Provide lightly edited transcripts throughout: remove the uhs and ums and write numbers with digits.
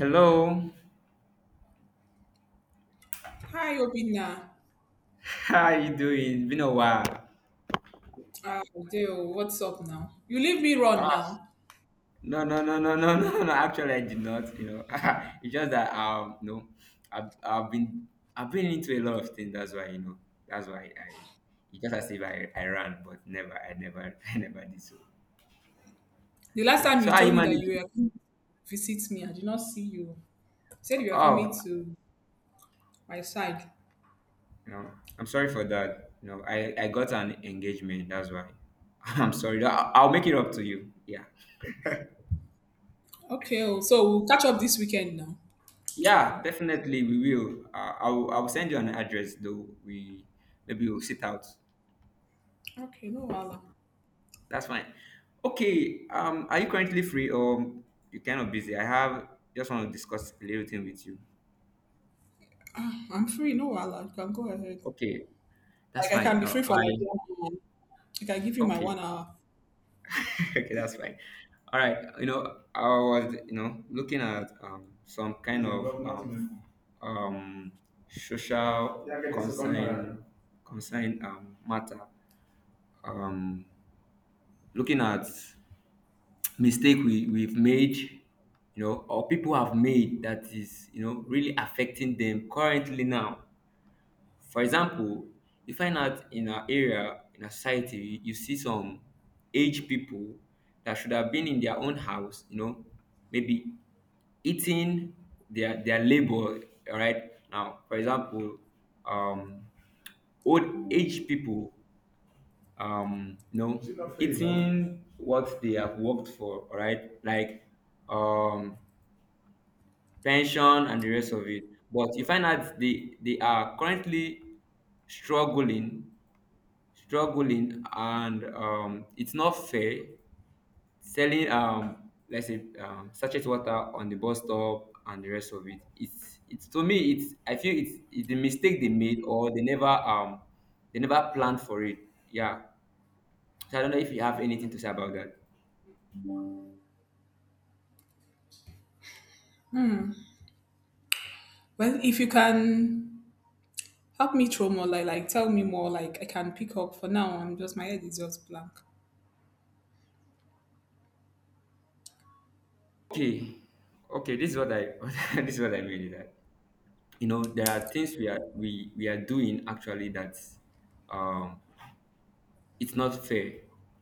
Hello, Hi Obina. how are you doing? Been a while. Ah, Deo, what's up now? You leave me run Ah, now. no, no, no, no, no, no, no. Actually, I did not. You know, it's just that no, I've, I've been I've been into a lot of things. That's why That's why I. It's just as if I ran, but never, I never, I never did so. The last time you So how you told me that you managing? were coming to visit me, I did not see you. You said you were coming Oh, to my side. I'm sorry for that. I got an engagement. That's why. I'm sorry. I'll make it up to you. Yeah. Okay, oh, so we'll catch up this weekend now. Yeah, definitely we will. I'll send you an address though. We Maybe we'll sit out. Okay, no wahala. That's fine. Okay. Are you currently free or you kind of busy? I have Just want to discuss a little thing with you. I'm free, no wahala. You can go ahead. Like Okay, that's I can fine. be free for like I 1 hour. I can give you my Okay. 1 hour. Okay, that's fine. All right. I was looking at some kind of um social concern concern matter. Um, Looking at mistake we've made or people have made that is really affecting them currently now. For example, you find out in our area, in our society, you see some aged people that should have been in their own house, maybe eating their labor. All right, now for example, um old age people, is it not fair enough? Eating what they have worked for, all right, like um pension and the rest of it. But you find out they are currently struggling struggling, and it's not fair. Selling let's say sachet water on the bus stop and the rest of it. It's it's to me, it's I feel it's the mistake they made, or they never planned for it. Yeah. So I don't know if you have anything to say about that. Well, if you can help me throw more light, like tell me more, like I can pick up. For now, I'm just my head is just blank. Okay, okay. This is what I This is what I mean is that there are things we are doing actually that um it's not fair.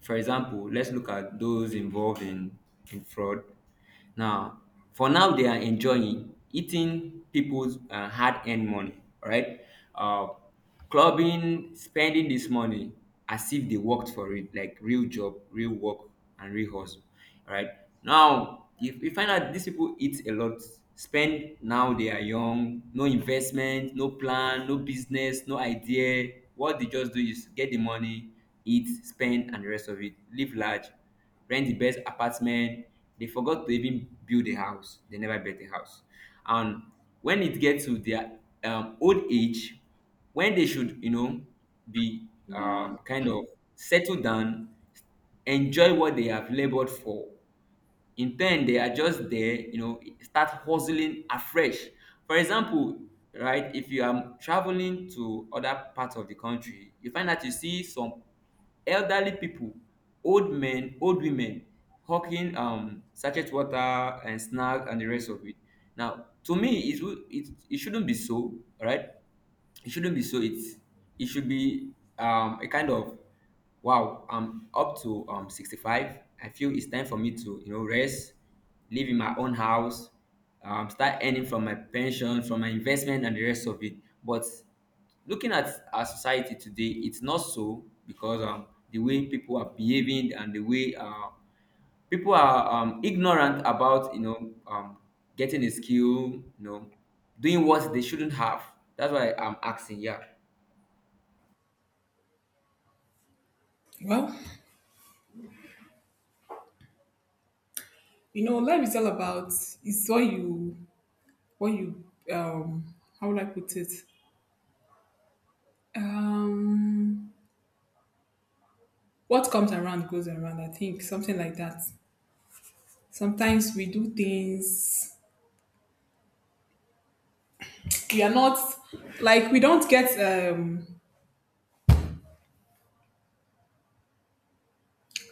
For example, let's look at those involved in fraud. Now, for now, they are enjoying eating people's hard-earned money, all right? Uh, Clubbing, spending this money as if they worked for it, like real job, real work, and real hustle. All right, now if you find out these people eat a lot, spend. Now they are young: no investment, no plan, no business, no idea. What they just do is get the money, eat, spend, and the rest of it, live large, rent the best apartment. They forgot to even build a house, they never built a house. And when it gets to their old age, when they should be kind of settled down, enjoy what they have labored for. In turn, they are just there, start hustling afresh. For example, right, if you are traveling to other parts of the country, you find that you see some elderly people, old men, old women, hawking sachet water and snack and the rest of it. Now, to me, it shouldn't be so, right? It shouldn't be so. It should be a kind of, wow, I'm up to 65. I feel it's time for me to rest, live in my own house, start earning from my pension, from my investment, and the rest of it. But looking at our society today, it's not so, because the way people are behaving, and the way people are ignorant about getting a skill, you know doing what they shouldn't have. That's why I'm asking. Yeah. Well, you know life is all about it's what you um how would I put it? um what comes around goes around, I think, something like that. Sometimes we do things we are not, like we don't get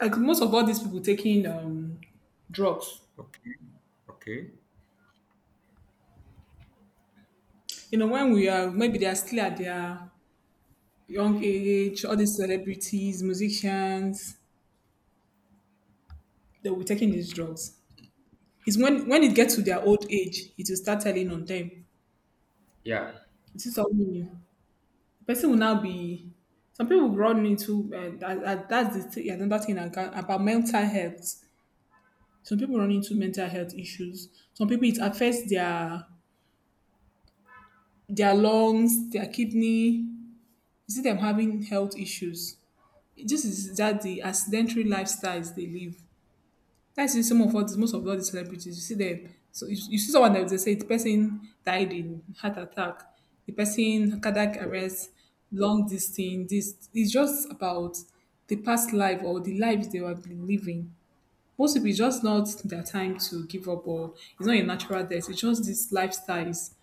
like most of all these people taking drugs, Okay, okay, you know, when we are, maybe they are still at their young age, all these celebrities, musicians, they will be taking these drugs. It's when it gets to their old age it will start telling on them. yeah, This is something new. The person will now be. Some people run into that's the thing, another thing I can, about mental health. Some people run into mental health issues. Some people it affects their lungs, their kidney. You see them having health issues. This is that the accidentary lifestyles they live. That's in some of all these, most of all these celebrities. You see them. So you see someone that they say the person died in heart attack, the person cardiac okay, arrest, long distance. This it's just about the past life or the lives they have been living. Most people it's just not their time to give up or it's not a natural death. It's just these lifestyles,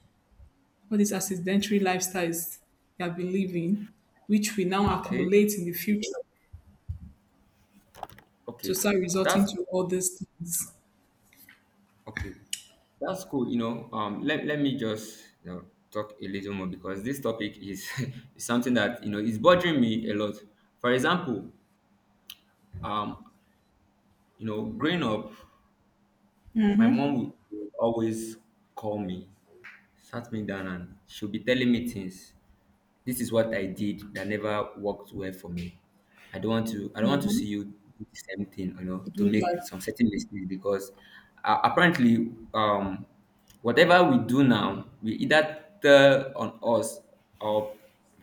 all these accidentary lifestyles they have been living, which we now okay, accumulate in the future to okay. start resulting That's to all these things. okay. That's cool. Let me just talk a little more, because this topic is, is something that is bothering me a lot. For example, um growing up, my mom would always call me, sat me down, and she'll be telling me things. This is what I did that never worked well for me. I don't want to see you do the same thing, To to Do make that. some certain mistakes, because apparently, whatever we do now, we either tell on us or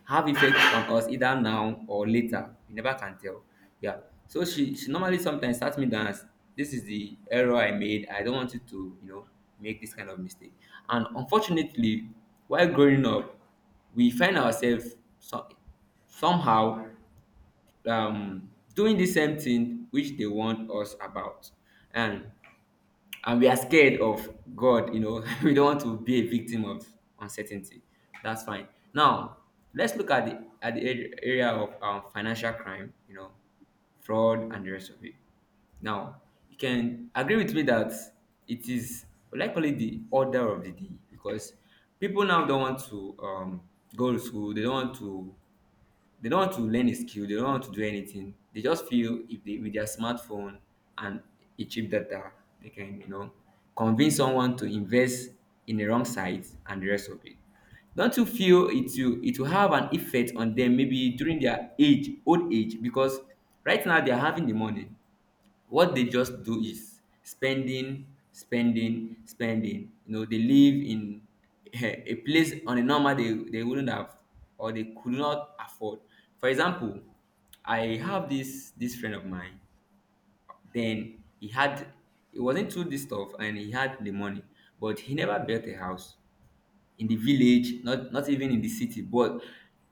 have effect on us, either now or later. You never can tell. Yeah. So she normally sometimes sat me down, as, "This is the error I made. I don't want you to make this kind of mistake." And unfortunately, while growing up, we find ourselves somehow doing the same thing which they warned us about, and and we are scared of God. You know, we don't want to be a victim of uncertainty. That's fine. Now, let's look at the ar- area of financial crime, you know, fraud and the rest of it. Now, you can agree with me that it is likely the order of the day, because people now don't want to go to school. They don't want to learn a skill. They don't want to do anything. They just feel if they with their smartphone and a cheap data, they can convince someone to invest in the wrong site and the rest of it. Don't you feel it will have an effect on them, maybe during their age old age? Because right now they are having the money, what they just do is spending, spending, spending. You know, they live in a place, on a normal they wouldn't have, or they could not afford. For example, I have this friend of mine. Then he was into this stuff and he had the money, but he never built a house in the village, not even in the city. But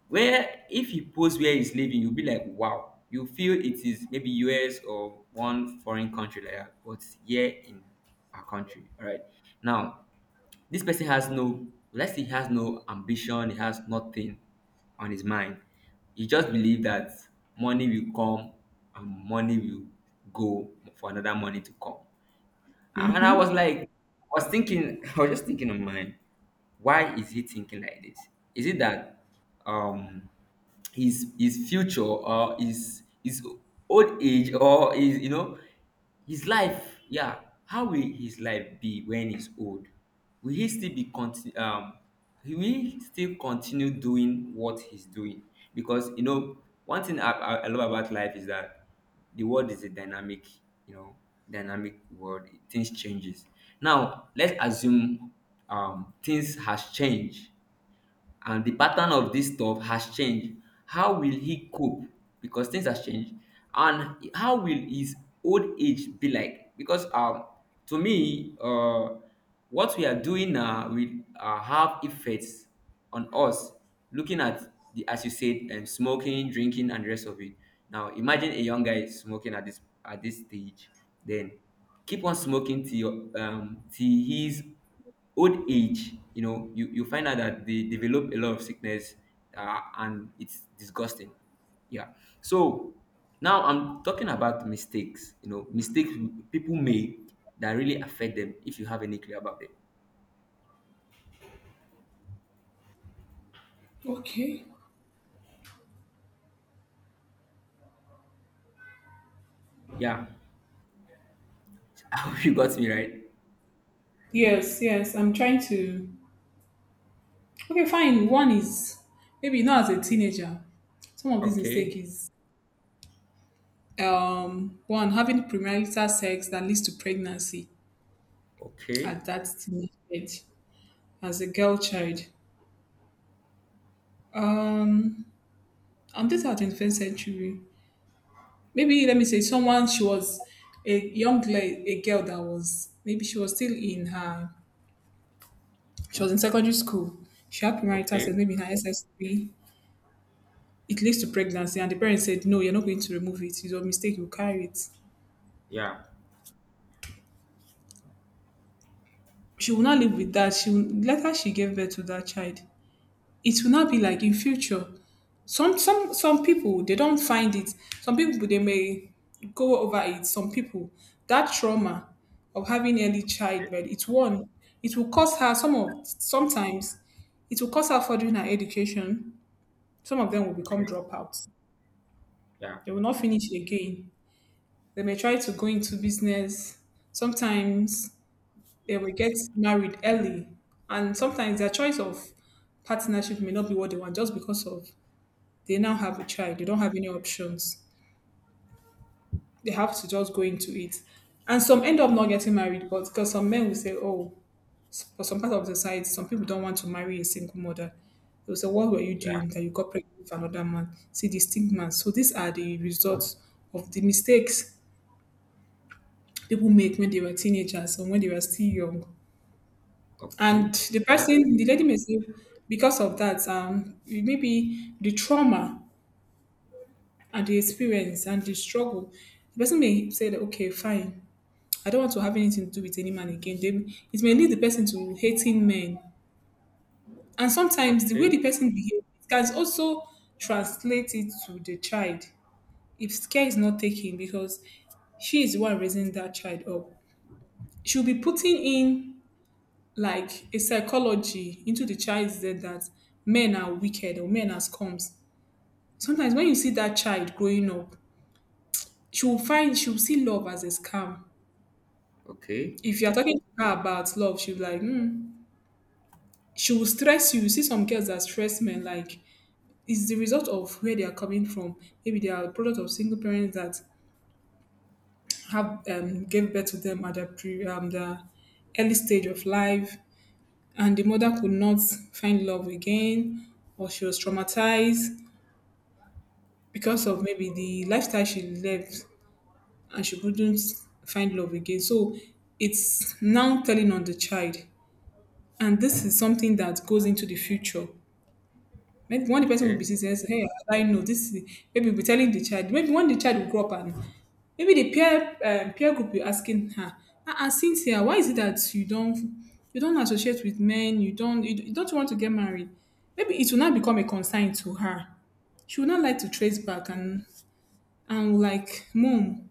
where, if he posts where he's living, you'll be like, wow. You feel it is maybe US or one foreign country like that, but here in our country. All right. Now, this person has no, let's say he has no ambition, he has nothing on his mind. He just believe that money will come, and money will go for another money to come. And I was like, I was just thinking in mind, why is he thinking like this? Is it that um his future, or his old age, or his you know his life? Yeah, how will his life be when he's old? Will he still be continue? Will he still continue doing what he's doing? Because you know, one thing I love about life is that the world is a dynamic you know dynamic world. Things changes. Now let's assume things has changed, and the pattern of this stuff has changed. How will he cope? Because things has changed, and how will his old age be like? Because to me, what we are doing now will have effects on us. Looking at the, as you said, smoking, drinking, and the rest of it. Now, imagine a young guy smoking at this stage, then keep on smoking till till he's old age. You know, you find out that they develop a lot of sickness, and it's disgusting. Yeah. So now I'm talking about mistakes, you know, mistakes people make that really affect them, if you have any clue about it. Okay. Yeah. I hope you got me right. Yes, yes. I'm trying to. Okay, fine. One is maybe not as a teenager. Some of these mistakes Okay. is one, having premarital sex that leads to pregnancy Okay. at that teenage age as a girl child. Um, and this are 21st century. Maybe let me say someone, she was a young girl, a girl that was, maybe she was still in her, she was in secondary school. She had premarital Okay. sex maybe in her SS3, it leads to pregnancy and the parents said no, you're not going to remove it, it's your mistake, you carry it. Yeah. She will not live with that. She will, later she gave birth to that child. It will not be like in future, some people they don't find it. Some people they may go over it. Some people, that trauma of having early childbirth, it's one, it will cost her, some of sometimes it will cost her furthering her education. Some of them will become Okay. dropouts, Yeah. they will not finish again. They may try to go into business. Sometimes they will get married early. And sometimes their choice of partnership may not be what they want just because of they now have a child. They don't have any options. They have to just go into it. And some end up not getting married, but because some men will say, oh, for some part of the society, some people don't want to marry a single mother. They will say, what were you Yeah. doing that you got pregnant with another man? See the stigma. So these are the results of the mistakes people make when they were teenagers or when they were still young. Okay. And the That's person, the lady may say, because of that, maybe the trauma and the experience and the struggle, the person may say that, okay, fine, I don't want to have anything to do with any man again. They, it may lead the person to hating men. And sometimes the way okay. the person behaves can also translate it to the child if care is not taken because she is the one raising that child up. She'll be putting in like a psychology into the child is there that men are wicked or men are scums. Sometimes when you see that child growing up, she will find, she will see love as a scam. Okay. If you are talking to her about love, she'll be like, hmm. She will stress you. You see some girls that stress men, like it's the result of where they are coming from. Maybe they are a product of single parents that have gave birth to them at the pre the early stage of life, and the mother could not find love again, or she was traumatized because of maybe the lifestyle she lived and she couldn't find love again. So it's now telling on the child. And this is something that goes into the future. Maybe one the person will be Okay. saying, hey, I know this is maybe we're telling the child. Maybe one the child will grow up and maybe the peer group will asking her, "Ah, since here, why is it that you don't associate with men, you don't you don't want to get married? Maybe it will not become a concern to her. She will not like to trace back and like, Mom,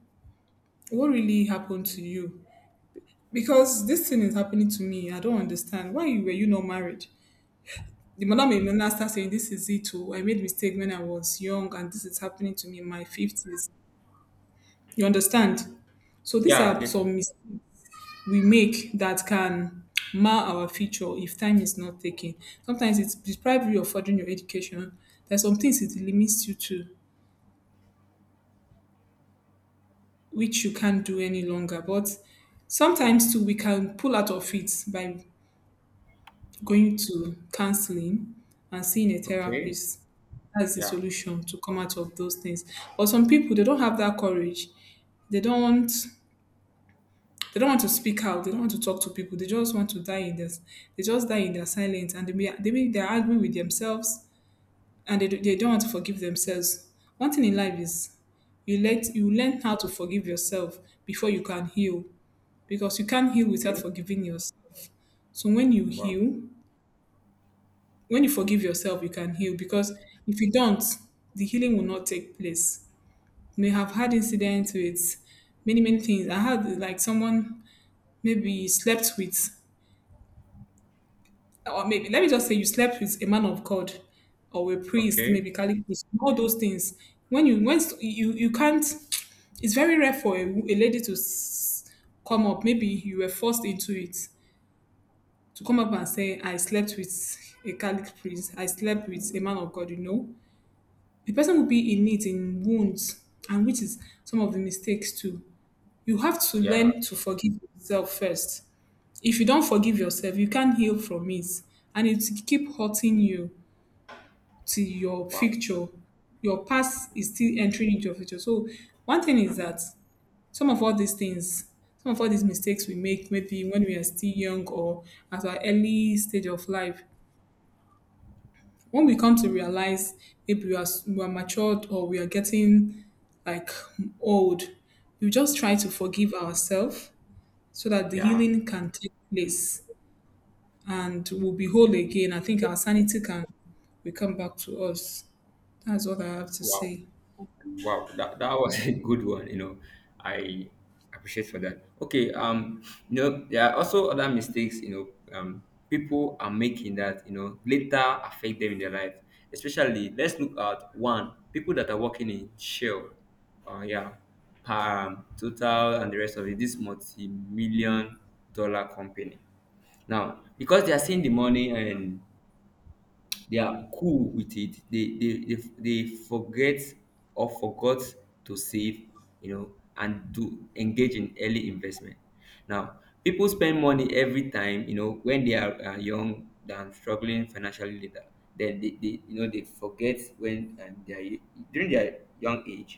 what really happened to you? Because this thing is happening to me. I don't understand. Why were you not married? The madam will now start saying, this is it. Oh, I made mistake when I was young, and this is happening to me in my 50s. You understand? So these Yeah, I are get you. some mistakes we make that can mar our future if time is not taken. Sometimes it deprives you of furthering your education. There's some things it limits you to, which you can't do any longer. But sometimes too, we can pull out of it by going to counseling and seeing a Okay. therapist. That's the Yeah. solution to come out of those things. But some people they don't have that courage. They don't, they don't want to speak out. They don't want to talk to people. They just want to die in this. They just die in their silence, and they're arguing with themselves, and they don't want to forgive themselves. One thing in life is you learn how to forgive yourself before you can heal, because you can't heal without Okay. forgiving yourself. So when you Wow. heal, when you forgive yourself, you can heal because if you don't, the healing will not take place. You may have had incidents with many, many things. I had like someone maybe slept with, or maybe let me just say you slept with a man of God or a priest, Okay. maybe Catholic priest, all those things. When you Once you can't, it's very rare for a lady to come up. Maybe you were forced into it to come up and say, I slept with a Catholic priest, I slept with a man of God, you know, the person will be in it, in wounds, and which is some of the mistakes too. You have to Yeah, learn to forgive yourself first. If you don't forgive yourself, you can't heal from it, and it will keep hurting you to your wow. future. Your past is still entering into your future. So, one thing is that some of all these things some of all these mistakes we make maybe when we are still young or at our early stage of life, when we come to realize maybe we are, we are matured or we are getting like old, we just try to forgive ourselves so that the Yeah, healing can take place and we'll be whole again. I think our sanity can will come back to us. That's what I have to wow. say. Wow. That was a good one, you know. I appreciate for that. Okay, there are also other mistakes, you know, um people are making that, you know, later affect them in their life. Especially let's look at one, people that are working in Shell. Yeah. Total and the rest of it, this multi-million dollar company. Now, because they are seeing the money and they are cool with it, they forget or forgot to save, and to engage in early investment. Now, people spend money every time, when they are young, than struggling financially later. Then they they forget when they are during their young age.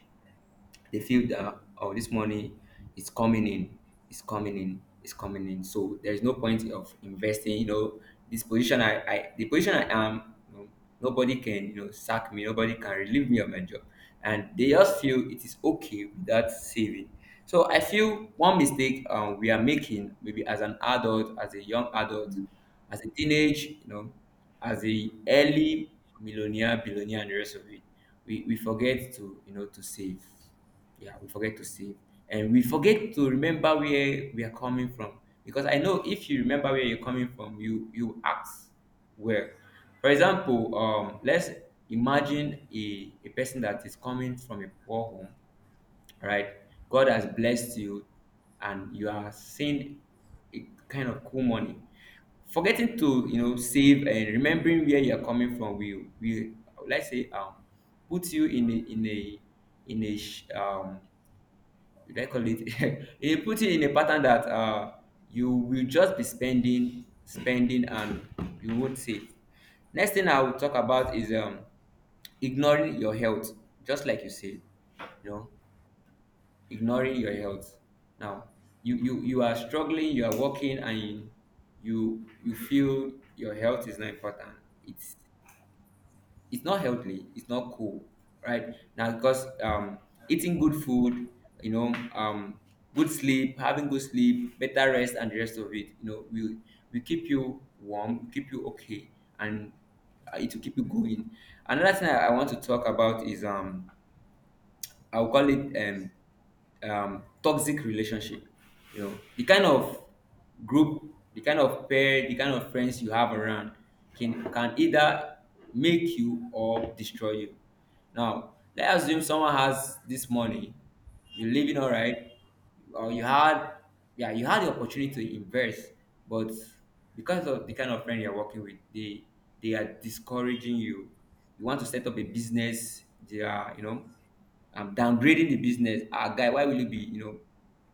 They feel that, oh, this money is coming in, is coming in, is coming in, so there is no point of investing. This position, I the position I am, nobody can sack me, nobody can relieve me of my job, and they just feel it is okay without saving. So I feel one mistake, we are making, maybe as an adult, as a young adult, as a teenage, as a early millionaire, billionaire, and the rest of it, we forget to, to save. Yeah, we forget to save. And we forget to remember where we are coming from. Because I know if you remember where you're coming from, you act well. For example, let's imagine a person that is coming from a poor home, right? God has blessed you, and you are seeing a kind of cool money. Forgetting to, you know, save and remembering where you're coming from will, let's say, put you in a, in a sh- um do I call it? It put it in a pattern that, you will just be spending, spending, and you won't save. Next thing I will talk about is, ignoring your health, just like you said, you know, ignoring your health. Now, you are struggling, you are working, and you feel your health is not important. It's it's not healthy, it's not cool, right. Now, because eating good food, you know um good sleep, having good sleep, better rest, and the rest of it, you know, will keep you warm, will keep you okay, and it will keep you going. Another thing I want to talk about is, I will call it, toxic relationship. You know, the kind of group, the kind of pair, the kind of friends you have around can either make you or destroy you. Now, let's assume someone has this money, you're living all right, or you had, yeah, you had the opportunity to invest, but because of the kind of friend you're working with, they are discouraging you. You want to set up a business, they are, you know, downgrading the business. Ah, guy, why will you be,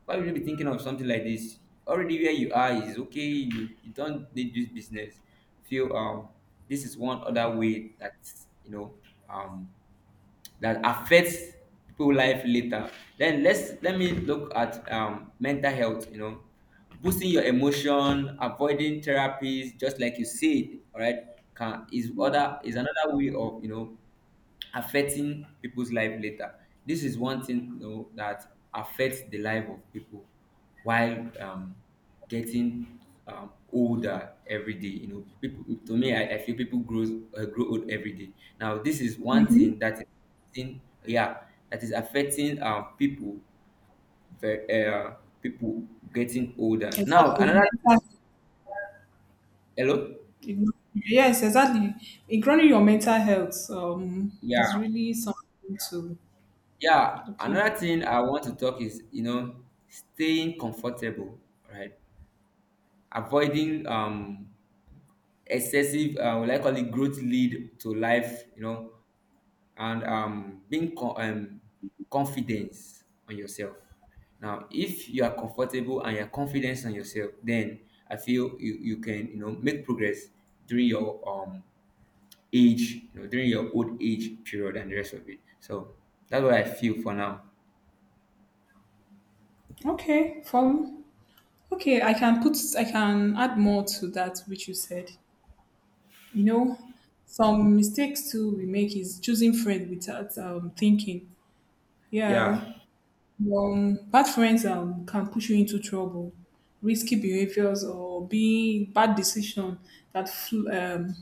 why will you be thinking of something like this? Already where you are is okay, you don't need this business. I feel, this is one other way that, you know um that affects people life later. Then let me look at, mental health, you know, boosting your emotion, avoiding therapies, just like you said, all right, can is other is another way of, affecting people's life later. This is one thing, you know, that affects the life of people while, getting, older every day. You know, people, to me, I feel people grows, grow old every day. Now, this is one thing that is affecting, yeah, that is affecting, people, ve- uh, people getting older. Now, Exactly. another... Mental- hello? Yes, exactly. Ignoring your mental health is Yeah. really something to Yeah. look into. Another thing I want to talk is, you know, staying comfortable, right? Avoiding, excessive, will I call it, growth lead to life, you know, and, being, confidence on yourself. Now, if you are comfortable and you're confident on yourself, then I feel you can, make progress during your, age, you know, during your old age period and the rest of it. So that's what I feel for now. Okay, follow. Okay, I can add more to that which you said. You know, some mistakes too we make is choosing friends without thinking. Yeah, Yeah, bad friends can push you into trouble, risky behaviors, or being bad decision that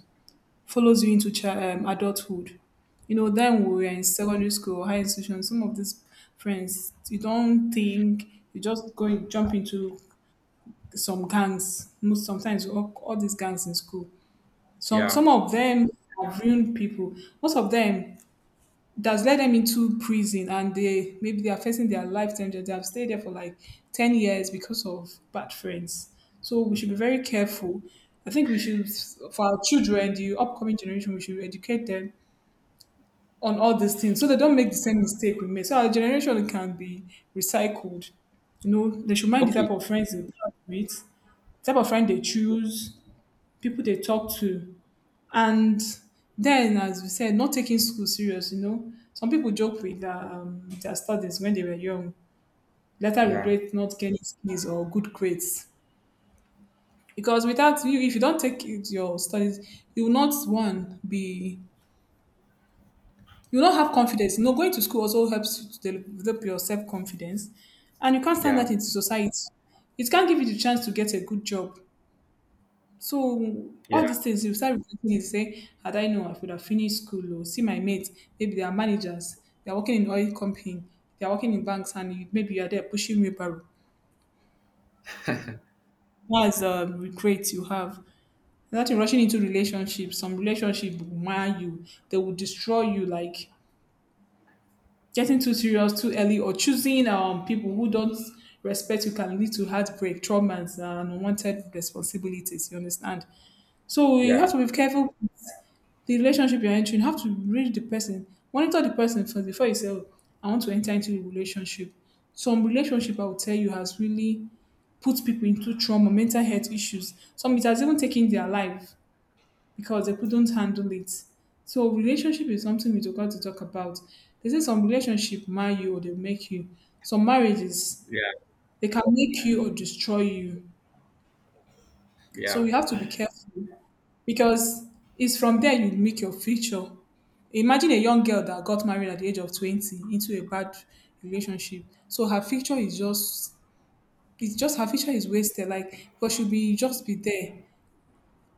follows you into adulthood. You know, then we were in secondary school or high institution. Some of these friends, you don't think, you just go and jump into some gangs, most sometimes all these gangs in school. Some yeah. of them have ruined people. Most of them, that's led them into prison and they maybe they are facing their life sentence. They have stayed there for like 10 years because of bad friends. So we should be very careful. I think we should for our children, the upcoming generation, we should educate them on all these things so they don't make the same mistake we made. So our generation can be recycled. You know, they should mind the Okay. type of friends they put up with, type of friend they choose, people they talk to. And then, as we said, not taking school serious, you know. Some people joke with their studies when they were young, later Yeah, regret not getting skills or good grades. Because without you, if you don't your studies, you will not, one, be, you will not have confidence. You know, going to school also helps you to develop your self-confidence. And you can't stand that yeah, into society. It can't give you the chance to get a good job. So yeah, all these things you start reflecting and say, had I known I would have finished school or see my mates, maybe they are managers, they are working in oil company, they are working in banks and you, maybe you are there pushing wheelbarrow. That's a regret you have. That you're rushing into relationships, some relationship will mar you, they will destroy you like getting too serious too early or choosing people who don't respect you can lead to heartbreak, traumas and unwanted responsibilities, you understand? So you have yeah, to be careful the relationship you're entering, you have to read the person, monitor the person first before you say, oh, I want to enter into a relationship. Some relationship, I would tell you, has really put people into trauma, mental health issues. Some it has even taken their life because they couldn't handle it. So relationship is something we got to talk about. They say some relationship marry you or they make you. Some marriages yeah, they can make you or destroy you. So yeah, we have to be careful because it's from there you make your future. Imagine a young girl that got married at the age of 20 into a bad relationship. So her future is just it's just her future is wasted like because she'll be just be there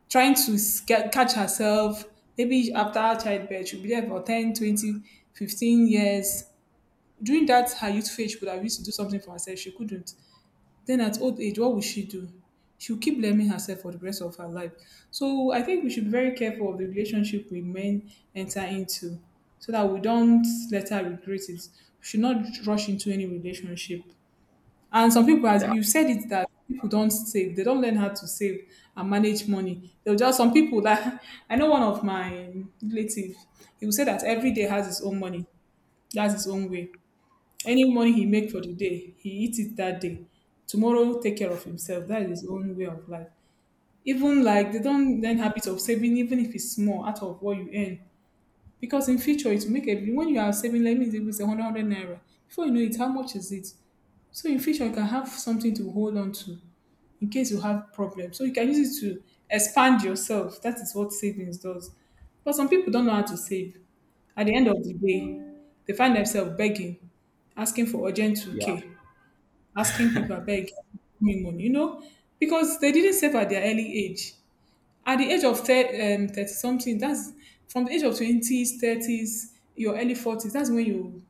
trying to get, catch herself maybe after childbirth she'll be there for 10, 20, 15 years during that her youth phase she could have used to do something for herself she couldn't then at old age, what will she do? She'll keep blaming herself for the rest of her life. So I think we should be very careful of the relationship we men enter into so that we don't let her regret it. We should not rush into any relationship. And some people, as yeah, you said it, that people don't save. They don't learn how to save and manage money. They'll just, some people that, I know one of my relatives, he will say that every day has his own money. That's his own way. Any money he make for the day, he eat it that day. Tomorrow, take care of himself. That is his own way of life. Even like they don't learn habit of saving, even if it's small, out of what you earn. Because in future, it will make a when you are saving, let me say, with a hundred naira. Before you know it, how much is it? So in future, you can have something to hold on to in case you have problems. So you can use it to expand yourself. That is what savings does. But some people don't know how to save. At the end of the day, they find themselves begging, asking for urgent yeah. 2K asking people, I beg, give me money, you know, because they didn't save at their early age. At the age of 30, 30 something, that's from the age of 20s, 30s, your early 40s, that's when you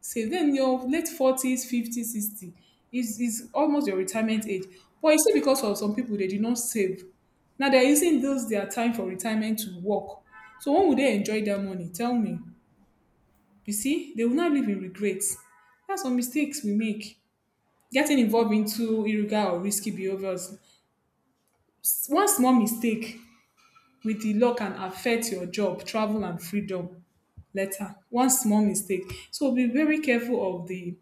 save. Then your late 40s, 50s, 60 is almost your retirement age. But it's still because of some people, they did not save. Now they're using those their time for retirement to work. So when would they enjoy their money? Tell me. You see, they will not live in regrets. That's some mistakes we make. Getting involved into illegal or risky behaviors, one small mistake with the law can affect your job, travel, and freedom later. One small mistake. So be very careful of the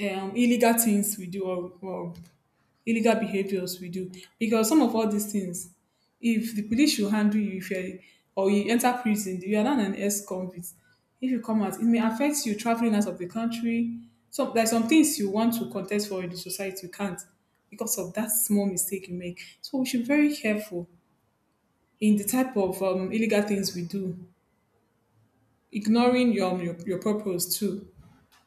illegal things we do or illegal behaviors we do because some of all these things if the police should handle you if you're or you enter prison you are not an ex-convict if you come out it may affect you traveling out of the country so there's some things you want to contest for in the society you can't because of that small mistake you make so we should be very careful in the type of illegal things we do ignoring your, your purpose too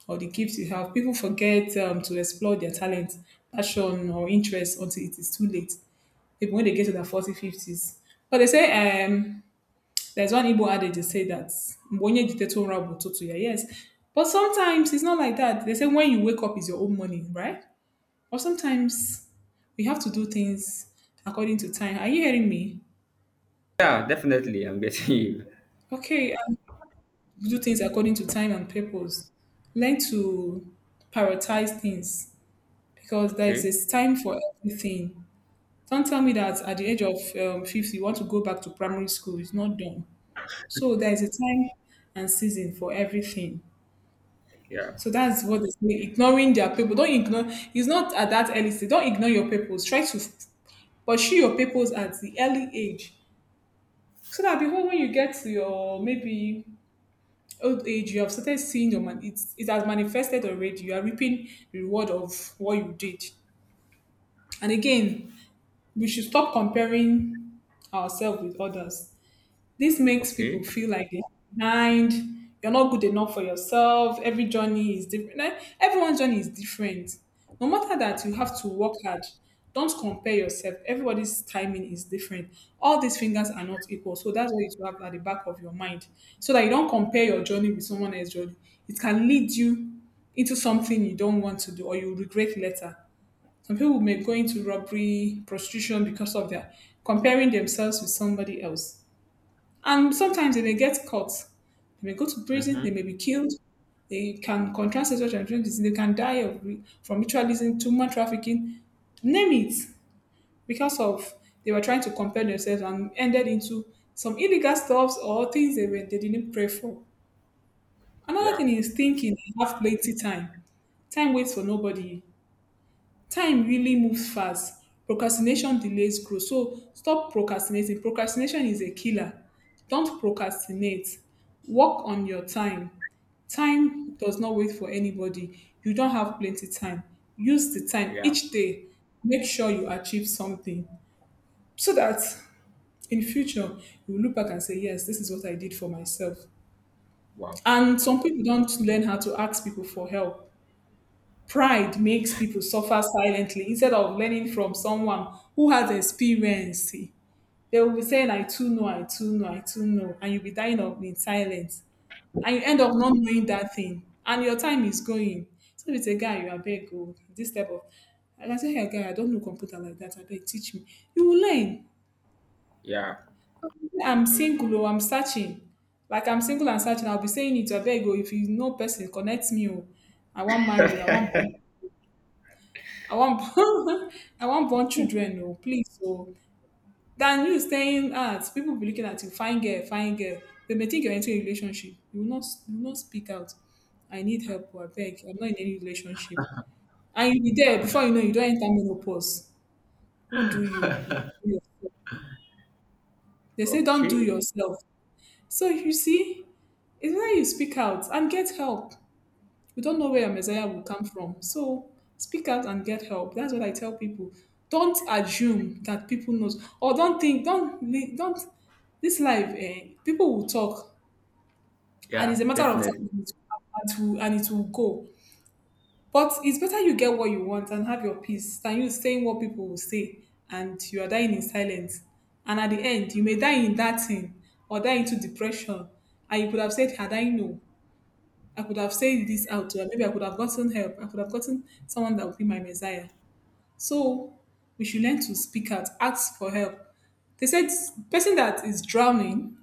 or the gifts you have people forget to explore their talent passion or interest until it is too late people when they get to their 40s, 50s. But they say there's one Igbo adage they say that "Mbonye jite to nra bụ ụtụtụ ya." Yes. But sometimes it's not like that. They say when you wake up is your own morning, right? Or sometimes we have to do things according to time. Are you hearing me? Yeah, definitely. I'm getting you. Okay, do things according to time and purpose. Learn to prioritize things because there is Okay. a time for everything. Don't tell me that at the age of 50, you want to go back to primary school. It's not done. So there is a time and season for everything. Yeah. So that's what they say. Ignoring their people. Don't ignore. It's not at that early stage. Don't ignore your purpose. Try to pursue your purpose at the early age. So that before when you get to your maybe old age, you have started seeing your man. It has manifested already. You are reaping the reward of what you did. And again, we should stop comparing ourselves with others. This makes people Okay. feel like they're behind, you're not good enough for yourself, every journey is different. Like, everyone's journey is different. No matter that, you have to work hard. Don't compare yourself. Everybody's timing is different. All these fingers are not equal. So that's what you should have at the back of your mind. So that you don't compare your journey with someone else's journey. It can lead you into something you don't want to do or you regret later. Some people may go into robbery, prostitution because of their comparing themselves with somebody else. And sometimes they may get caught. They may go to prison. They Mm-hmm. may be killed. They can contract sexual transmission disease. They can die from ritualism, human trafficking, name it, because of they were trying to compare themselves and ended into some illegal stuffs or they didn't pray for. Another Yeah. thing is thinking. You have plenty time. Time waits for nobody. Time really moves fast. Procrastination delays growth. So stop procrastinating. Procrastination is a killer. Don't procrastinate. Work on your time. Time does not wait for anybody. You don't have plenty time. Use the time Yeah. each day. Make sure you achieve something so that in future you will look back and say, yes, this is what I did for myself. Wow. And some people don't learn how to ask people for help. Pride makes people suffer silently instead of learning from someone who has experience. They will be saying, I too know, I too know, I too know. And you'll be dying of in silence. And you end up not knowing that thing. And your time is going. So if it's a guy, you are beg, oh, this type of. I can say, hey, guy, I don't know computer like that. I beg, teach me. You will learn. Yeah. I'm single, oh, I'm searching. Like I'm single and searching, I'll be saying it, I beg, oh, if you know person, connect me, oh. I want marry, you, I want born, I want born children, no, please. So than you staying at people be looking at you, fine girl, fine girl. They may think you're into a relationship. You will not speak out. I need help, or I beg. I'm not in any relationship. And you'll be there before you know you don't enter menopause. Who do you? Like, do yourself. They say don't do Okay. yourself. So you see, it's why you speak out and get help. We don't know where your Messiah will come from. So speak out and get help. That's what I tell people. Don't assume that people knows or don't think don't this life eh, people will talk and it's a Yeah, matter of definitely. time and it will go. But it's better you get what you want and have your peace than you saying what people will say and you are dying in silence. And at the end, you may die in that thing or die into depression. And you could have said, had I known? I could have said this out to her. Maybe I could have gotten help. I could have gotten someone that would be my messiah. So we should learn to speak out, ask for help. They said person that is drowning,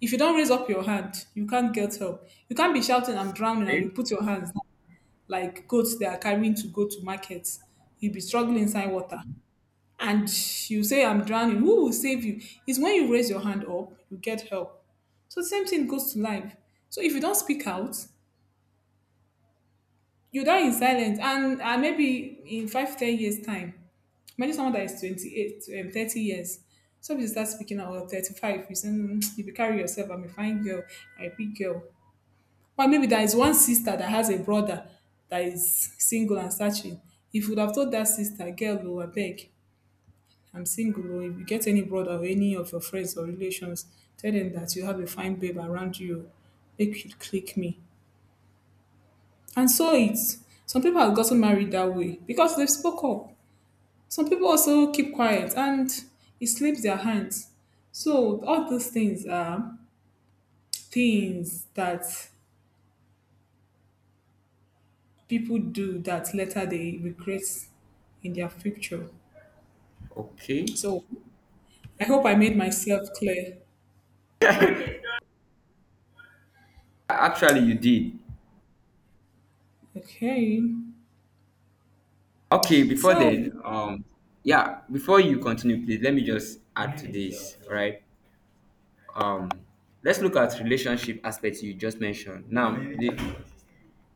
if you don't raise up your hand, you can't get help. You can't be shouting, I'm drowning, and you Okay. put your hands down, like goats they are carrying to go to market. You'll be struggling inside water. And you say, I'm drowning. Who will save you? It's when you raise your hand up, you get help. So the same thing goes to life. So if you don't speak out, you die in silence, and maybe in 5 10 years time, imagine someone that is 28 30 years, somebody start speaking out, or 35 you say, "Mm, you be carry yourself, I'm a fine girl, I'm a big girl. Or maybe there is one sister that has a brother that is single and searching. If you would have told that sister girl, oh, abeg, I'm single oh, if you get any brother or any of your friends or relations, tell them that you have a fine babe around you oh. Make you click me." And so it's, some people have gotten married that way because they've spoke up. Some people also keep quiet and it slips their hands. So all those things are things that people do that later they regret in their future. Okay. So I hope I made myself clear. Actually, you did. Okay. Okay, before So then, yeah, before you continue, please let me just add to this, right? Um, let's look at relationship aspects you just mentioned. Now, the,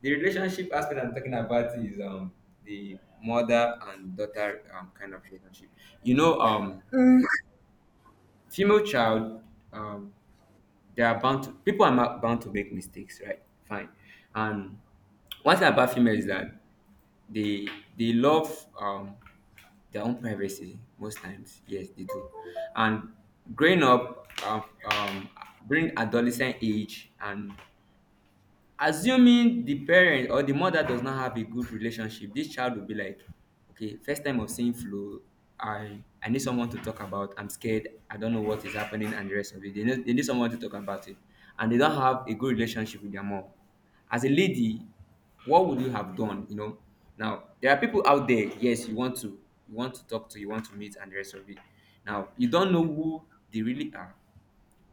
the relationship aspect I'm talking about is, the mother and daughter, kind of relationship. You know, female child, um they are bound to, bound to make mistakes, right, fine. And one thing about female is that they they love, their own privacy most times, yes they do. And growing up, during adolescent age, and assuming the parent or the mother does not have a good relationship, this child will be like, okay, first time of seeing flu, I need someone to talk about. I'm scared. I don't know what is happening, and the rest of it. They need someone to talk about it, and they don't have a good relationship with their mom. As a lady, what would you have done? You know, now there are people out there. Yes, you want to talk to, you want to meet, and the rest of it. Now you don't know who they really are,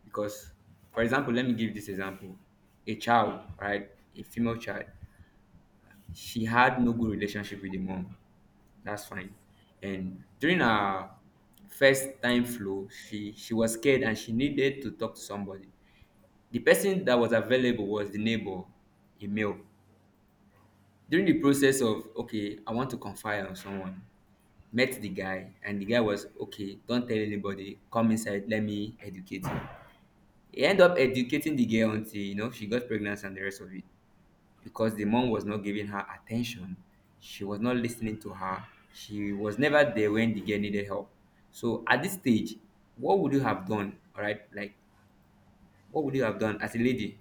because, for example, let me give this example. A child, right, a female child, she had no good relationship with the mom, that's fine. And during her first time flow, she was scared, and she needed to talk to somebody. The person that was available was the neighbor, a male. During the process of, okay, I want to confide on someone, met the guy, and the guy was okay, don't tell anybody, come inside, let me educate you. He ended up educating the girl until, you know, she got pregnant, and the rest of it. Because the mom was not giving her attention, she was not listening to her, she was never there when the girl needed help. So at this stage, what would you have done? All right, like, what would you have done as a lady?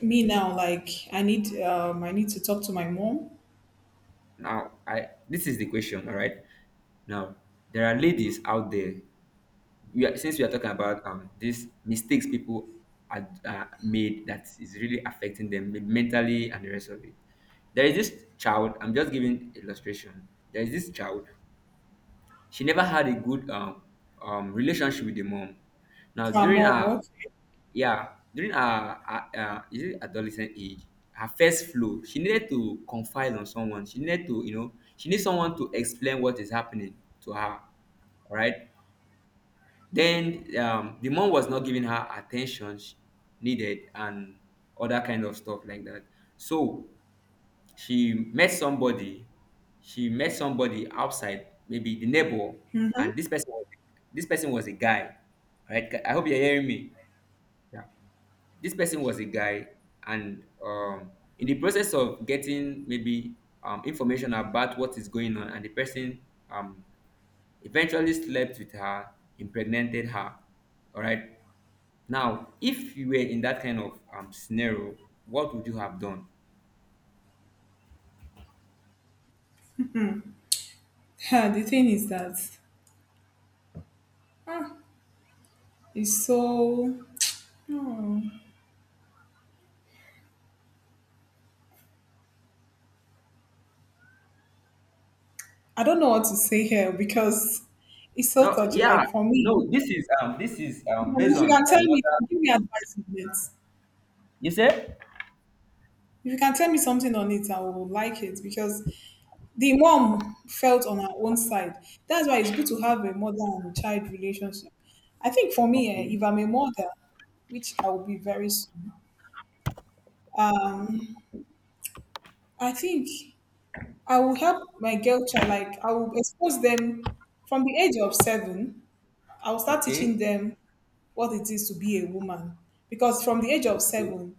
me now, like, I need to talk to my mom. Now, I this is the question. All right, now there are ladies out there, we are, since we are talking about, these mistakes people are, made, that is really affecting them, mentally, and the rest of it. There is this child, I'm just giving illustration, there is this child, she never had a good, relationship with the mom. Now My during mom, her, okay. yeah, during her, is it adolescent age? Her first flow, she needed to confide on someone, she needed to, you know, she needs someone to explain what is happening to her, right. Then, the mom was not giving her attention needed, and other kind of stuff like that. So she met somebody. She met somebody outside, maybe the neighbor, and this person was a guy. All right? I hope you're hearing me. Yeah. This person was a guy, and, in the process of getting maybe, information about what is going on, and the person, um, eventually slept with her, impregnated her. All right. Now, if you were in that kind of, scenario, what would you have done? The thing is that, ah, it's so, oh, I don't know what to say here because it's so No, touchy. yeah, Like, for me, no. This is, based if you on can a, tell me, what can give me advice on it. you say? If you can tell me something on it, I will like it because the mom felt on her own side. That's why it's good to have a mother and child relationship. I think for me, eh, Okay, if I'm a mother, which I will be very soon, um, I think I will help my girl child. Like, I will expose them from the age of seven, I'll start teaching okay, them what it is to be a woman. Because from the age of okay, seven,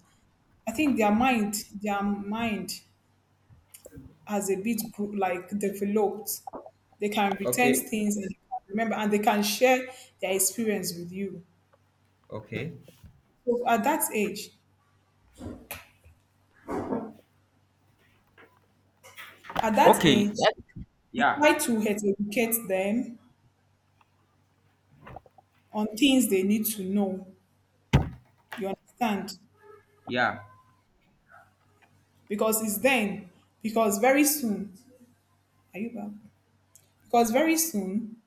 I think their mind has a bit like developed. They can retain okay, things and they can remember, and they can share their experience with you. okay, So at that okay. age, you Yeah, try to educate them on things they need to know. You understand? yeah, Because it's then. Because very soon, are you back? Because very soon,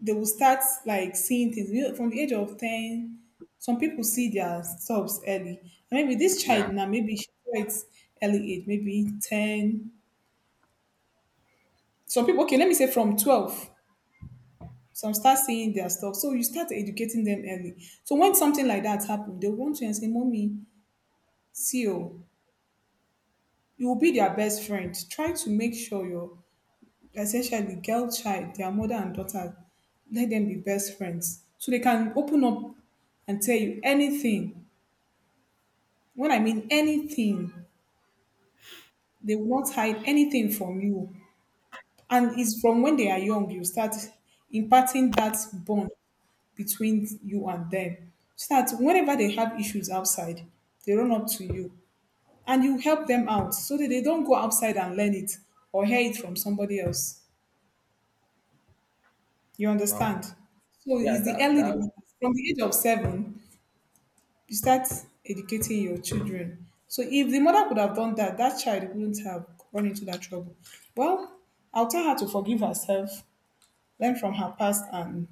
they will start like seeing things, you know, from the age of 10. Some people see their subs early, and maybe this yeah. child now, maybe she saw it early age, maybe 10. Some people, okay, let me say from 12, some start seeing their stuff, so you start educating them early. So when something like that happens, they want you and say, "Mommy, see oh." You will be their best friend. Try to make sure your essentially girl child, their mother and daughter, let them be best friends, so they can open up and tell you anything. When I mean anything, they will not hide anything from you. And it's from when they are young, you start imparting that bond between you and them. So that whenever they have issues outside, they run up to you and you help them out, so that they don't go outside and learn it or hear it from somebody else. You Wow. understand? So Yeah, it's the that early that dependence. From the age of seven, you start educating your children. So if the mother could have done that, that child wouldn't have run into that trouble. Well, I'll tell her to forgive herself, learn from her past, and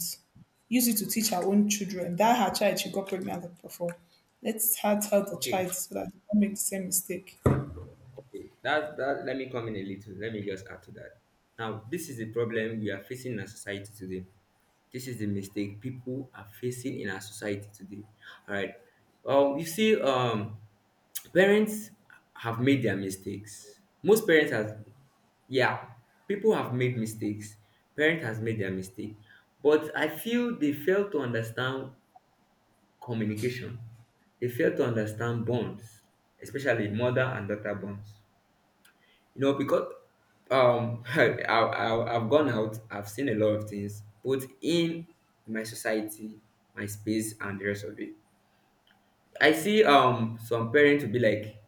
use it to teach her own children. That her child she got pregnant before. Let her tell the okay. child so that they don't make the same mistake. Okay. That that. Let me come in a little. Let me just add to that. Now, this is the problem we are facing in our society today. This is the mistake people are facing in our society today. All right. Well, you see, parents have made their mistakes. Most parents have, yeah, people have made mistakes. Parent has made their mistake, but I feel they fail to understand communication. They fail to understand bonds, especially mother and daughter bonds. You know, because, I've gone out, I've seen a lot of things, both in my society, my space, and the rest of it. I see, some parents will be like,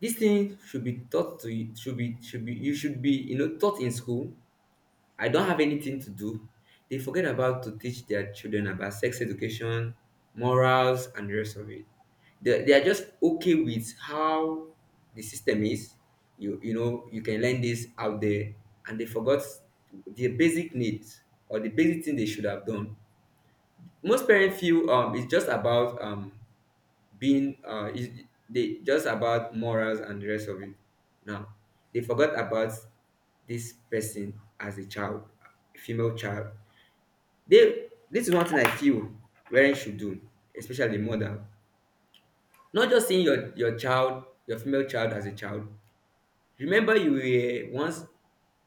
this thing should be taught to you, should be you should be, you know, taught in school. I don't have anything to do, they forget about to teach their children about sex education, morals, and the rest of it. They are just okay with how the system is. You know you can learn this out there, and they forgot the basic needs or the basic thing they should have done. Most parents feel, it's just about, being is they just about morals and the rest of it. Now they forgot about this person as a child, a female child, they this is one thing I feel parents should do, especially mother. Not just seeing your child, your female child, as a child. Remember, you were once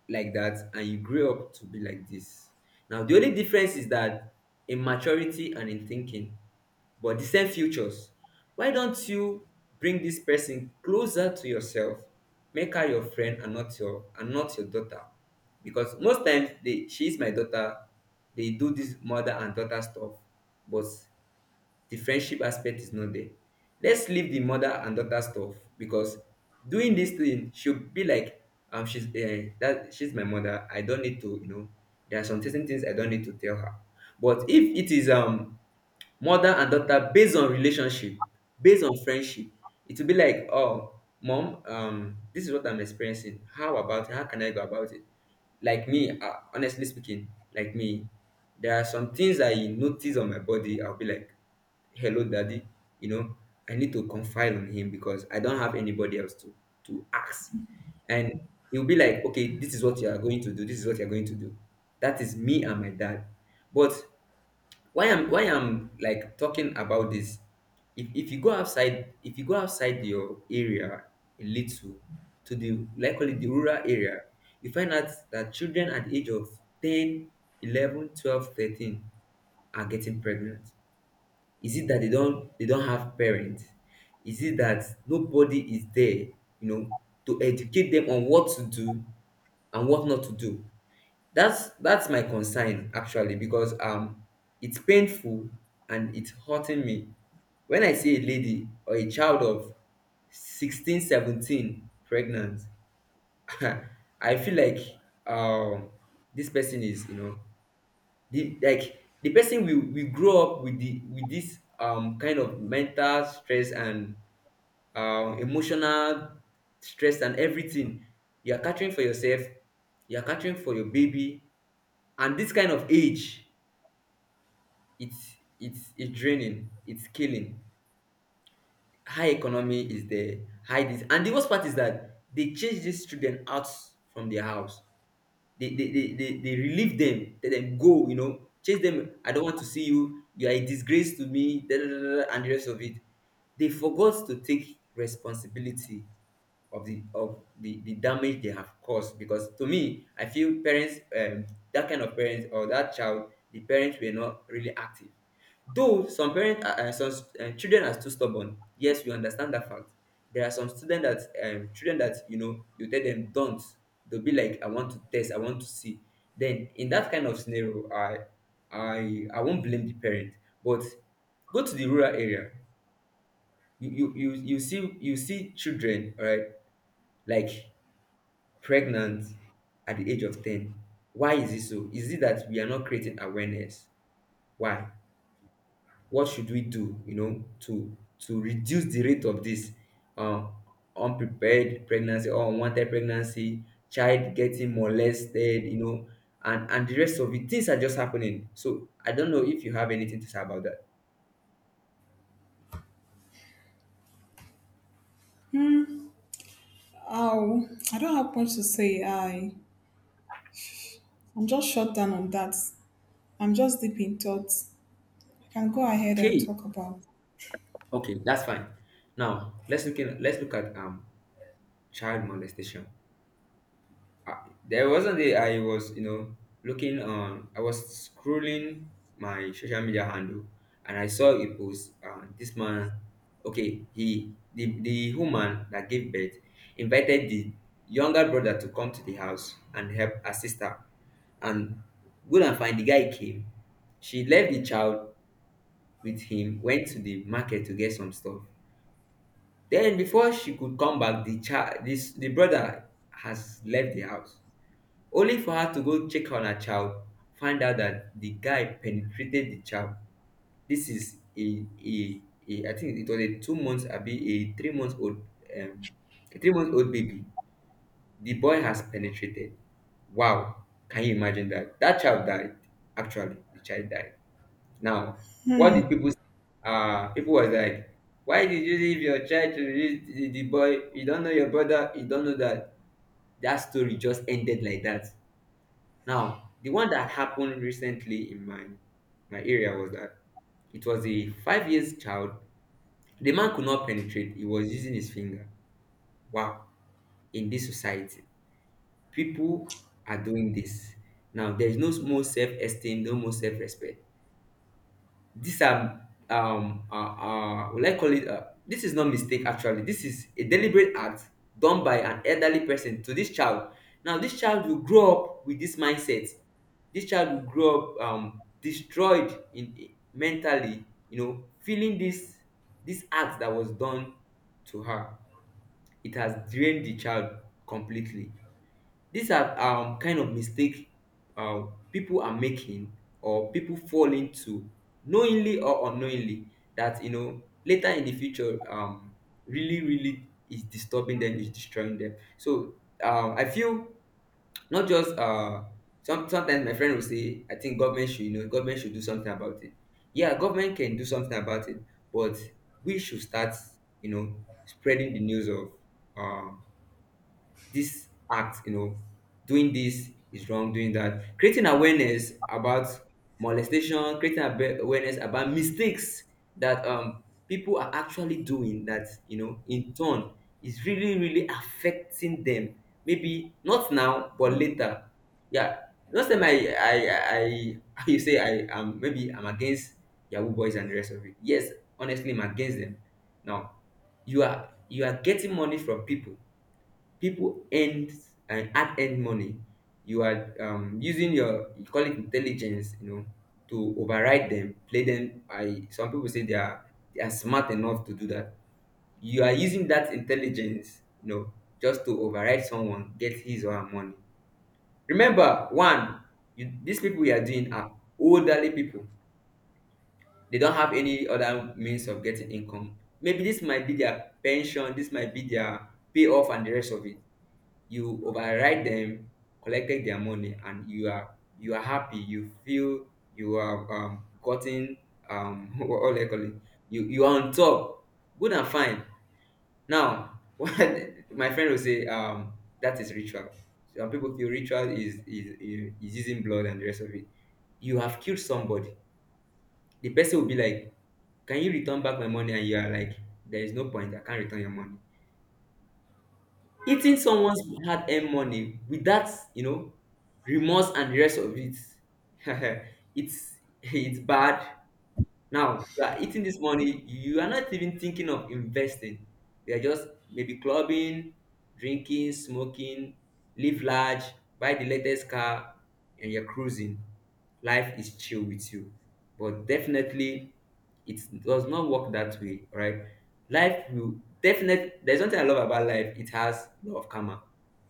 like that, and you grew up to be like this. Now, the only difference is that in maturity and in thinking, but the same futures. Why don't you bring this person closer to yourself? Make her your friend, and not your daughter. Because most times they she is my daughter, they do this mother and daughter stuff, but the friendship aspect is not there. Let's leave the mother and daughter stuff, because doing this thing should be like, she's, that she's my mother. I don't need to, you know, there are some certain things I don't need to tell her. But if it is, mother and daughter, based on relationship, based on friendship, it will be like, oh mom, this is what I'm experiencing. How about it? How can I go about it? Like me, honestly speaking, like me, there are some things I notice on my body. I'll be like, hello daddy, you know I need to confide on him because I don't have anybody else to ask. And he'll be like, okay, this is what you are going to do, this is what you're going to do. That is me and my dad. But why I'm like talking about this, if you go outside, your area a little, to the likely the rural area, you find out that children at the age of 10, 11, 12, 13 are getting pregnant. Is it that they don't have parents? Is it that nobody is there, you know, to educate them on what to do and what not to do? That's my concern actually, because it's painful and it's hurting me when I see a lady or a child of 16, 17, pregnant, I feel like um this person is, the like the person will grow up with the with this kind of mental stress and emotional stress and everything. You are catering for yourself, you are catering for your baby, and this kind of age, it's draining, it's killing. High economy is there, high this, and the worst part is that they change these children out from their house. They they relieve them, let them go, you know, chase them. I don't want to see you, you are a disgrace to me, da, da, da, da, da, and the rest of it. They forgot to take responsibility of the damage they have caused, because to me I feel parents, that kind of parents, or that child the parents were not really active. Though some parents are, some children are too stubborn, yes, we understand that fact. There are some student that children that, you know, you tell them don't, they'll be like, I want to test, I want to see. Then in that kind of scenario, I won't blame the parent. But go to the rural area, you you see children, all right, like pregnant at the age of 10. Why is it so? Is it that we are not creating awareness? Why? What should we do, you know, to reduce the rate of this uh, unprepared pregnancy or unwanted pregnancy, child getting molested, you know, and the rest of it. Things are just happening. So I don't know if you have anything to say about that. Oh, I don't have much to say. I'm just shut down on that. I'm just deep in thoughts. I can go ahead and Okay, talk about okay, that's fine. Now let's look at child molestation. Uh, there was a day I was, you know, looking on, I was scrolling my social media handle, and I saw a post. This man, okay, the woman that gave birth invited the younger brother to come to the house and help her sister. And good and fine, the guy came. She left the child with him, went to the market to get some stuff. Then before she could come back, the child, this the brother, has left the house. Only for her to go check on her child, find out that the guy penetrated the child. This is a I think it was a 2 months abi a 3 months old um a 3 months old baby. The boy has penetrated. Wow, can you imagine that? That child died, actually. The child died. Now, what did people say? Uh, people was like, why did you leave your child to the boy? You don't know your brother, you don't know that. That story just ended like that. Now, the one that happened recently in my area was that it was a 5 years child. The man could not penetrate. He was using his finger. Wow! In this society, people are doing this. Now there is no more self esteem, no more self respect. These are will I call it, this is not mistake actually. This is a deliberate act done by an elderly person to this child. Now this child will grow up with this mindset. This child will grow up destroyed in mentally, you know, feeling this this act that was done to her. It has drained the child completely. These are kind of mistake people are making, or people fall into knowingly or unknowingly, that you know later in the future, really really is disturbing them, is destroying them. So I feel not just some sometimes my friend will say, I think government should, you know, government should do something about it. Yeah, government can do something about it, but we should start, you know, spreading the news of um, this act, you know, doing this is wrong, doing that. Creating awareness about molestation, creating awareness about mistakes that people are actually doing, that, you know, in turn is really, really affecting them. Maybe not now, but later. Yeah. Last time I you say I, maybe I'm against Yahoo boys and the rest of it. Yes, honestly, I'm against them. Now you are getting money from people, people earn and hard earned money. You are, using your, you call it intelligence, you know, to override them, play them. I, some people say they are, they are smart enough to do that. You are using that intelligence, you know, just to override someone, get his or her money. Remember one, these people you are doing are elderly people. They don't have any other means of getting income. Maybe this might be their pension, this might be their payoff and the rest of it. You override them, collected their money, and you are happy. You feel you have, gotten what, do you call it? You are on top. Good and fine. Now, what my friend will say, that is ritual. Some people feel ritual is using blood and the rest of it. You have killed somebody. The person will be like, "Can you return back my money?" And you are like, "There is no point. I can't return your money." Eating someone's hard-earned money without, you know, remorse and the rest of it. it's it's bad. Now you are eating this money, you are not even thinking of investing. You are just maybe clubbing, drinking, smoking, live large, buy the latest car, and you're cruising. Life is chill with you. But definitely it does not work that way, right? Life will definitely, there's something I love about life. It has a lot of karma.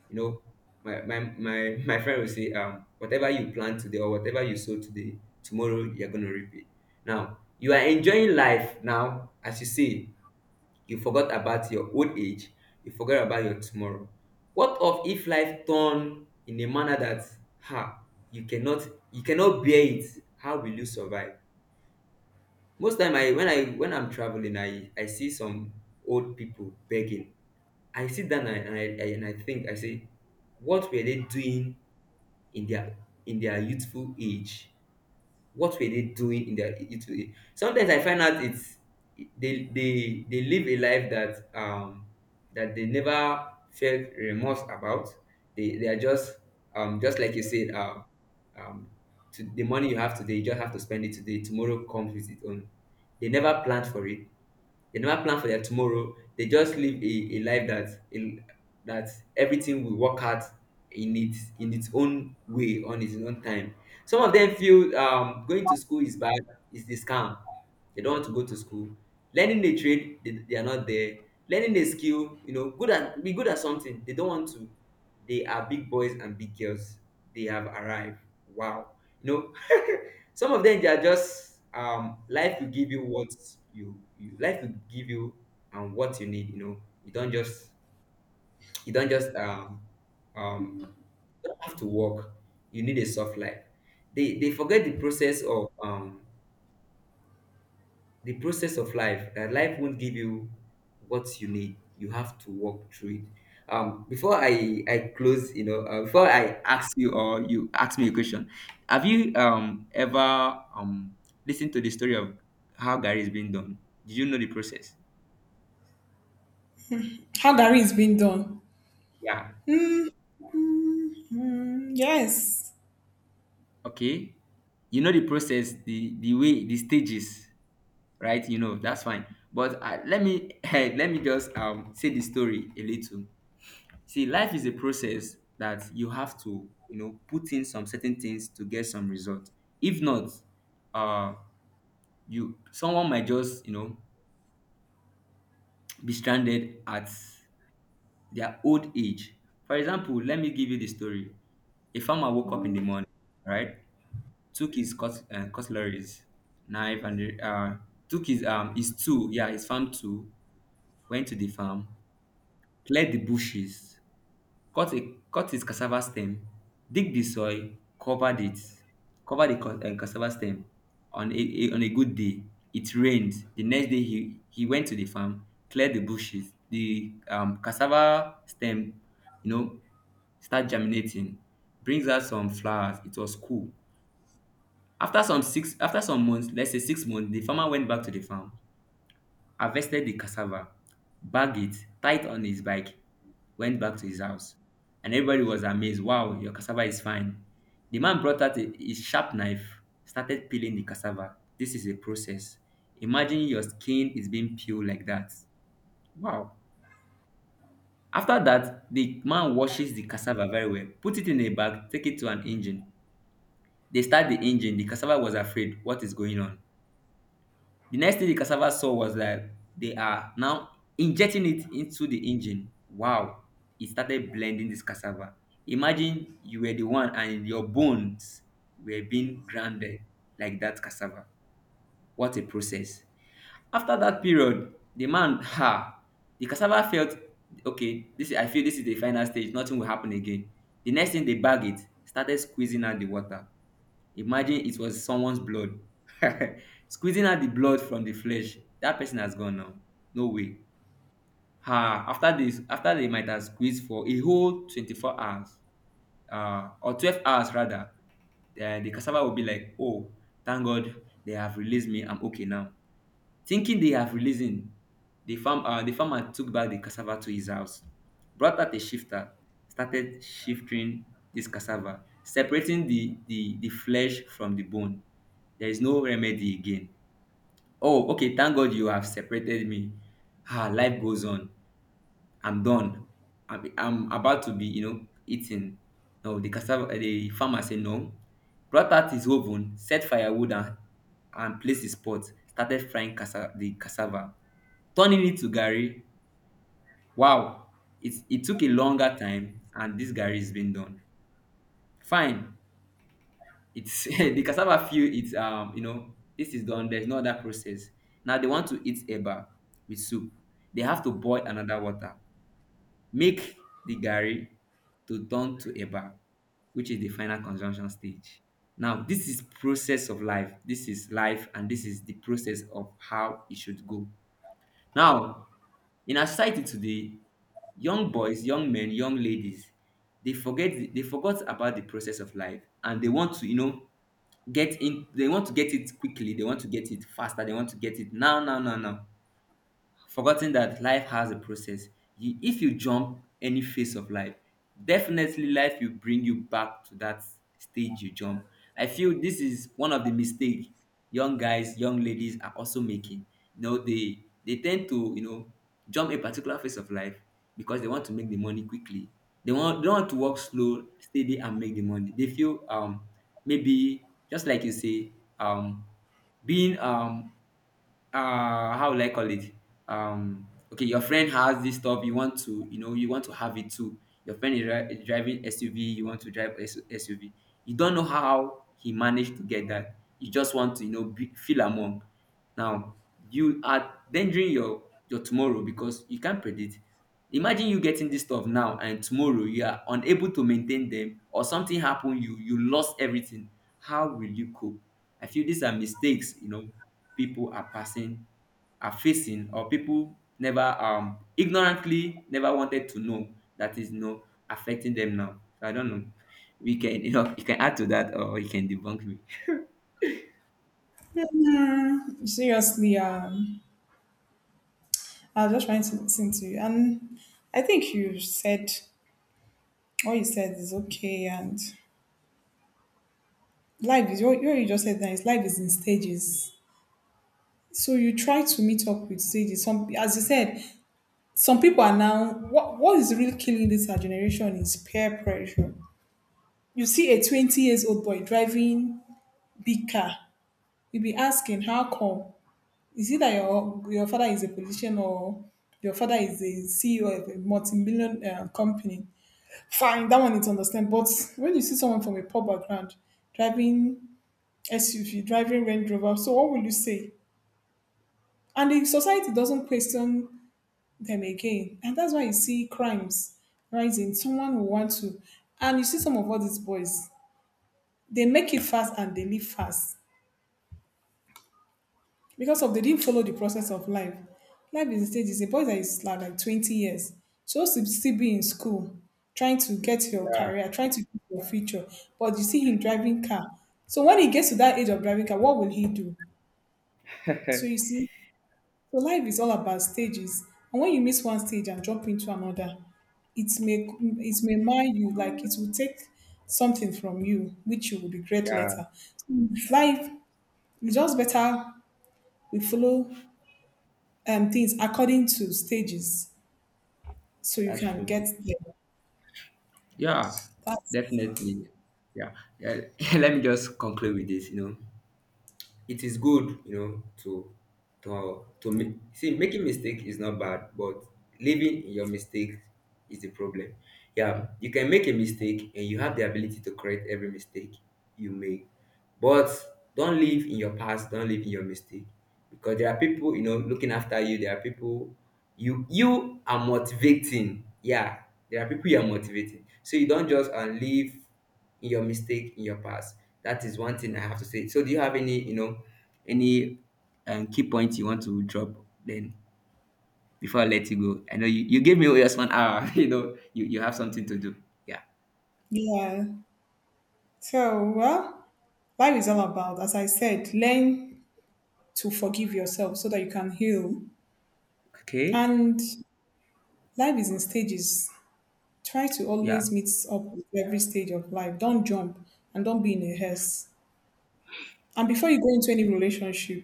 You know, my friend will say, whatever you plant today or whatever you sow today, tomorrow you're gonna reap it. Now, you are enjoying life now. As you say, you forgot about your old age, you forgot about your tomorrow. What of if life turn in a manner that, ha, you cannot, bear it? How will you survive? Most time I, when I'm traveling, I see some old people begging. I sit down and I, and I and I think, I say, what were they doing in their youthful age? What were they doing in their, it, sometimes I find out it's, they live a life that, that they never felt remorse about. They are just, just like you said, um to the money you have today, you just have to spend it today, tomorrow comes with its own. They never planned for it, they never plan for their tomorrow. They just live a life that, a, that everything will work out in its, in its own way, on its own time. Some of them feel, going to school is bad, is the scam. They don't want to go to school. Learning a trade, they are not there. Learning a skill, you know, good at, be good at something. They don't want to. They are big boys and big girls. They have arrived. Wow. You know, some of them they are just, life will give you what you life will give you what you need, you know. You don't just, you don't just um um you don't have to work. You need a soft life. They forget the process of life. Life won't give you what you need. You have to walk through it. Before I close, before I ask you or you ask me a question, have you ever listened to the story of how gary is being done? Did you know the process? how Gary is being done. Yeah. Mm, mm, yes. Okay. You know the process, the way, the stages. Right, you know, that's fine. But let me let me just say the story a little. See, life is a process that you have to, you know, put in some certain things to get some result. If not, uh, you someone might just, you know, be stranded at their old age. For example, let me give you the story. A farmer woke up in the morning, right? Took his cutleries, knife, and the, took his tool, yeah, his farm tool. Went to the farm, cleared the bushes, cut a cut his cassava stem, dig the soil, covered it, cover the cassava stem. On a good day, it rained. The next day he went to the farm, cleared the bushes, the cassava stem, you know, start germinating, brings out some flowers. It was cool. After some months, let's say 6 months, the farmer went back to the farm, harvested the cassava, bagged it, tied it on his bike, went back to his house. And everybody was amazed. Wow, your cassava is fine. The man brought out his sharp knife, started peeling the cassava. This is a process. Imagine your skin is being peeled like that. Wow. After that, the man washes the cassava very well, put it in a bag, take it to an engine. They start the engine. The cassava was afraid. What is going on? The next thing the cassava saw was that they are now injecting it into the engine. Wow, it started blending this cassava. Imagine you were the one and your bones were being grounded like that cassava. What a process. After that period, the man, ha, the cassava felt okay, this I feel this is the final stage, nothing will happen again. The next thing they bag it, started squeezing out the water. Imagine it was someone's blood. Squeezing out the blood from the flesh. That person has gone now. No way. Ah, after this, after they might have squeezed for a whole 24 hours, or 12 hours rather, the cassava will be like, oh, thank God they have released me. I'm okay now. Thinking they have releasing, the farm the farmer took back the cassava to his house, brought out a shifter, started shifting this cassava, separating the flesh from the bone. There is no remedy again. Oh, okay, thank God you have separated me. Ah, life goes on. I'm done. I'm about to be, you know, eaten. No, the cassava the farmer said no. Brought out his oven, set firewood, and placed his pot, started frying the cassava. Turning it to garri, wow, it took a longer time and this garri is being done. Fine, it's the cassava feel it's you know this is done. There's no other process. Now they want to eat eba with soup. They have to boil another water, make the garri to turn to eba, which is the final consumption stage. Now this is process of life. This is life and this is the process of how it should go. Now in our society today, young boys, young men, young ladies, they forgot about the process of life and they want to, you know, get in they want to get it quickly, they want to get it faster, they want to get it now, now, now, now, forgetting that life has a process. If you jump any phase of life, definitely life will bring you back to that stage you jump. I feel this is one of the mistakes young guys, young ladies are also making. You know, they tend to, you know, jump a particular phase of life because they want to make the money quickly. They don't want to work slow, steady, and make the money. They feel maybe just like you say. um Being how will I call it? Okay, your friend has this stuff, you want to, you know, you want to have it too. Your friend is, dri- driving SUV, you want to drive SUV. You don't know how he managed to get that. You just want to, you know, be, feel among. Now you are endangering your tomorrow because you can't predict. Imagine you getting this stuff now and tomorrow you are unable to maintain them or something happen you lost everything. How will you cope? I feel these are mistakes, you know, people are passing are facing or people never ignorantly never wanted to know that is no affecting them now. So I don't know, we can you know you can add to that or you can debunk me. Mm, seriously, I was just trying to listen to you, and I think you said what you said is okay, and life is what you just said. That is, life is in stages, so you try to meet up with stages. Some, as you said, some people are now. What is really killing this our generation is peer pressure. You see a 20 years old boy driving big car, you be asking, how come? Is it that your father is a politician, or your father is a CEO of a multi-million company? Fine, that one is understandable. But when you see someone from a poor background driving SUV, driving Range Rover, so what will you say? And the society doesn't question them again, and that's why you see crimes rising. Someone will want to, and you see some of all these boys, they make it fast and they leave fast because of they didn't follow the process of life. Life is a stage. It's a boy that is like 20 years, supposed to still be in school, trying to get your Yeah. career, trying to get your future. But you see him driving car. So when he gets to that age of driving car, what will he do? So you see, so life is all about stages. And when you miss one stage and jump into another, it may mar you, like it will take something from you, which you will regret later. Yeah, So it's life, it's just better we follow things according to stages so you that's can true. get there. Yeah, That's, definitely. Yeah, yeah. Let me just conclude with this, it is good, you know, to see, making mistake is not bad, but living in your mistake is the problem. Yeah, you can make a mistake, and you have the ability to correct every mistake you make. But don't live in your past, don't live in your mistake. Because there are people, you know, looking after you. There are people you are motivating. Yeah. There are people you are motivating. So you don't just live in your mistake in your past. That is one thing I have to say. So do you have any, you know, any key points you want to drop then before I let you go? I know you gave me just 1 hour, you know, you have something to do. Yeah. yeah. So, well, life is all about, as I said, learn to forgive yourself so that you can heal. Okay. And life is in stages. Try to Yeah. always meet up with every stage of life. Don't jump and don't be in a haste. And before you go into any relationship,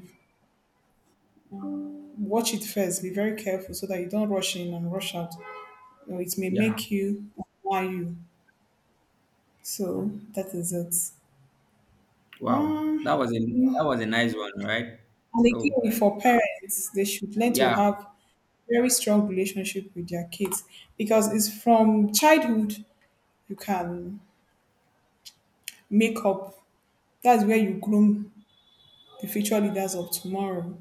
watch it first. Be very careful so that you don't rush in and rush out. You know, it may Yeah. make you why you. So that is it. Wow, that Um, was a nice one, right? And So again, for parents, they should learn to yeah, have very strong relationship with their kids, because it's from childhood you can make up. That's where you groom the future leaders of tomorrow.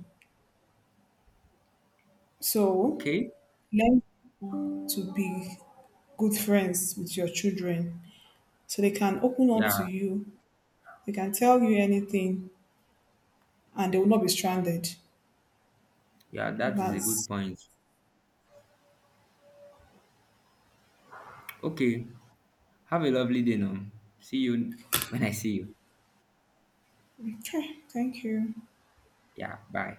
So okay, learn to be good friends with your children so they can open up yeah, to you. They can tell you anything and they will not be stranded. yeah, that is a good That's point. Okay, have a lovely day now. See you when I see you. okay. Thank you. Yeah, bye.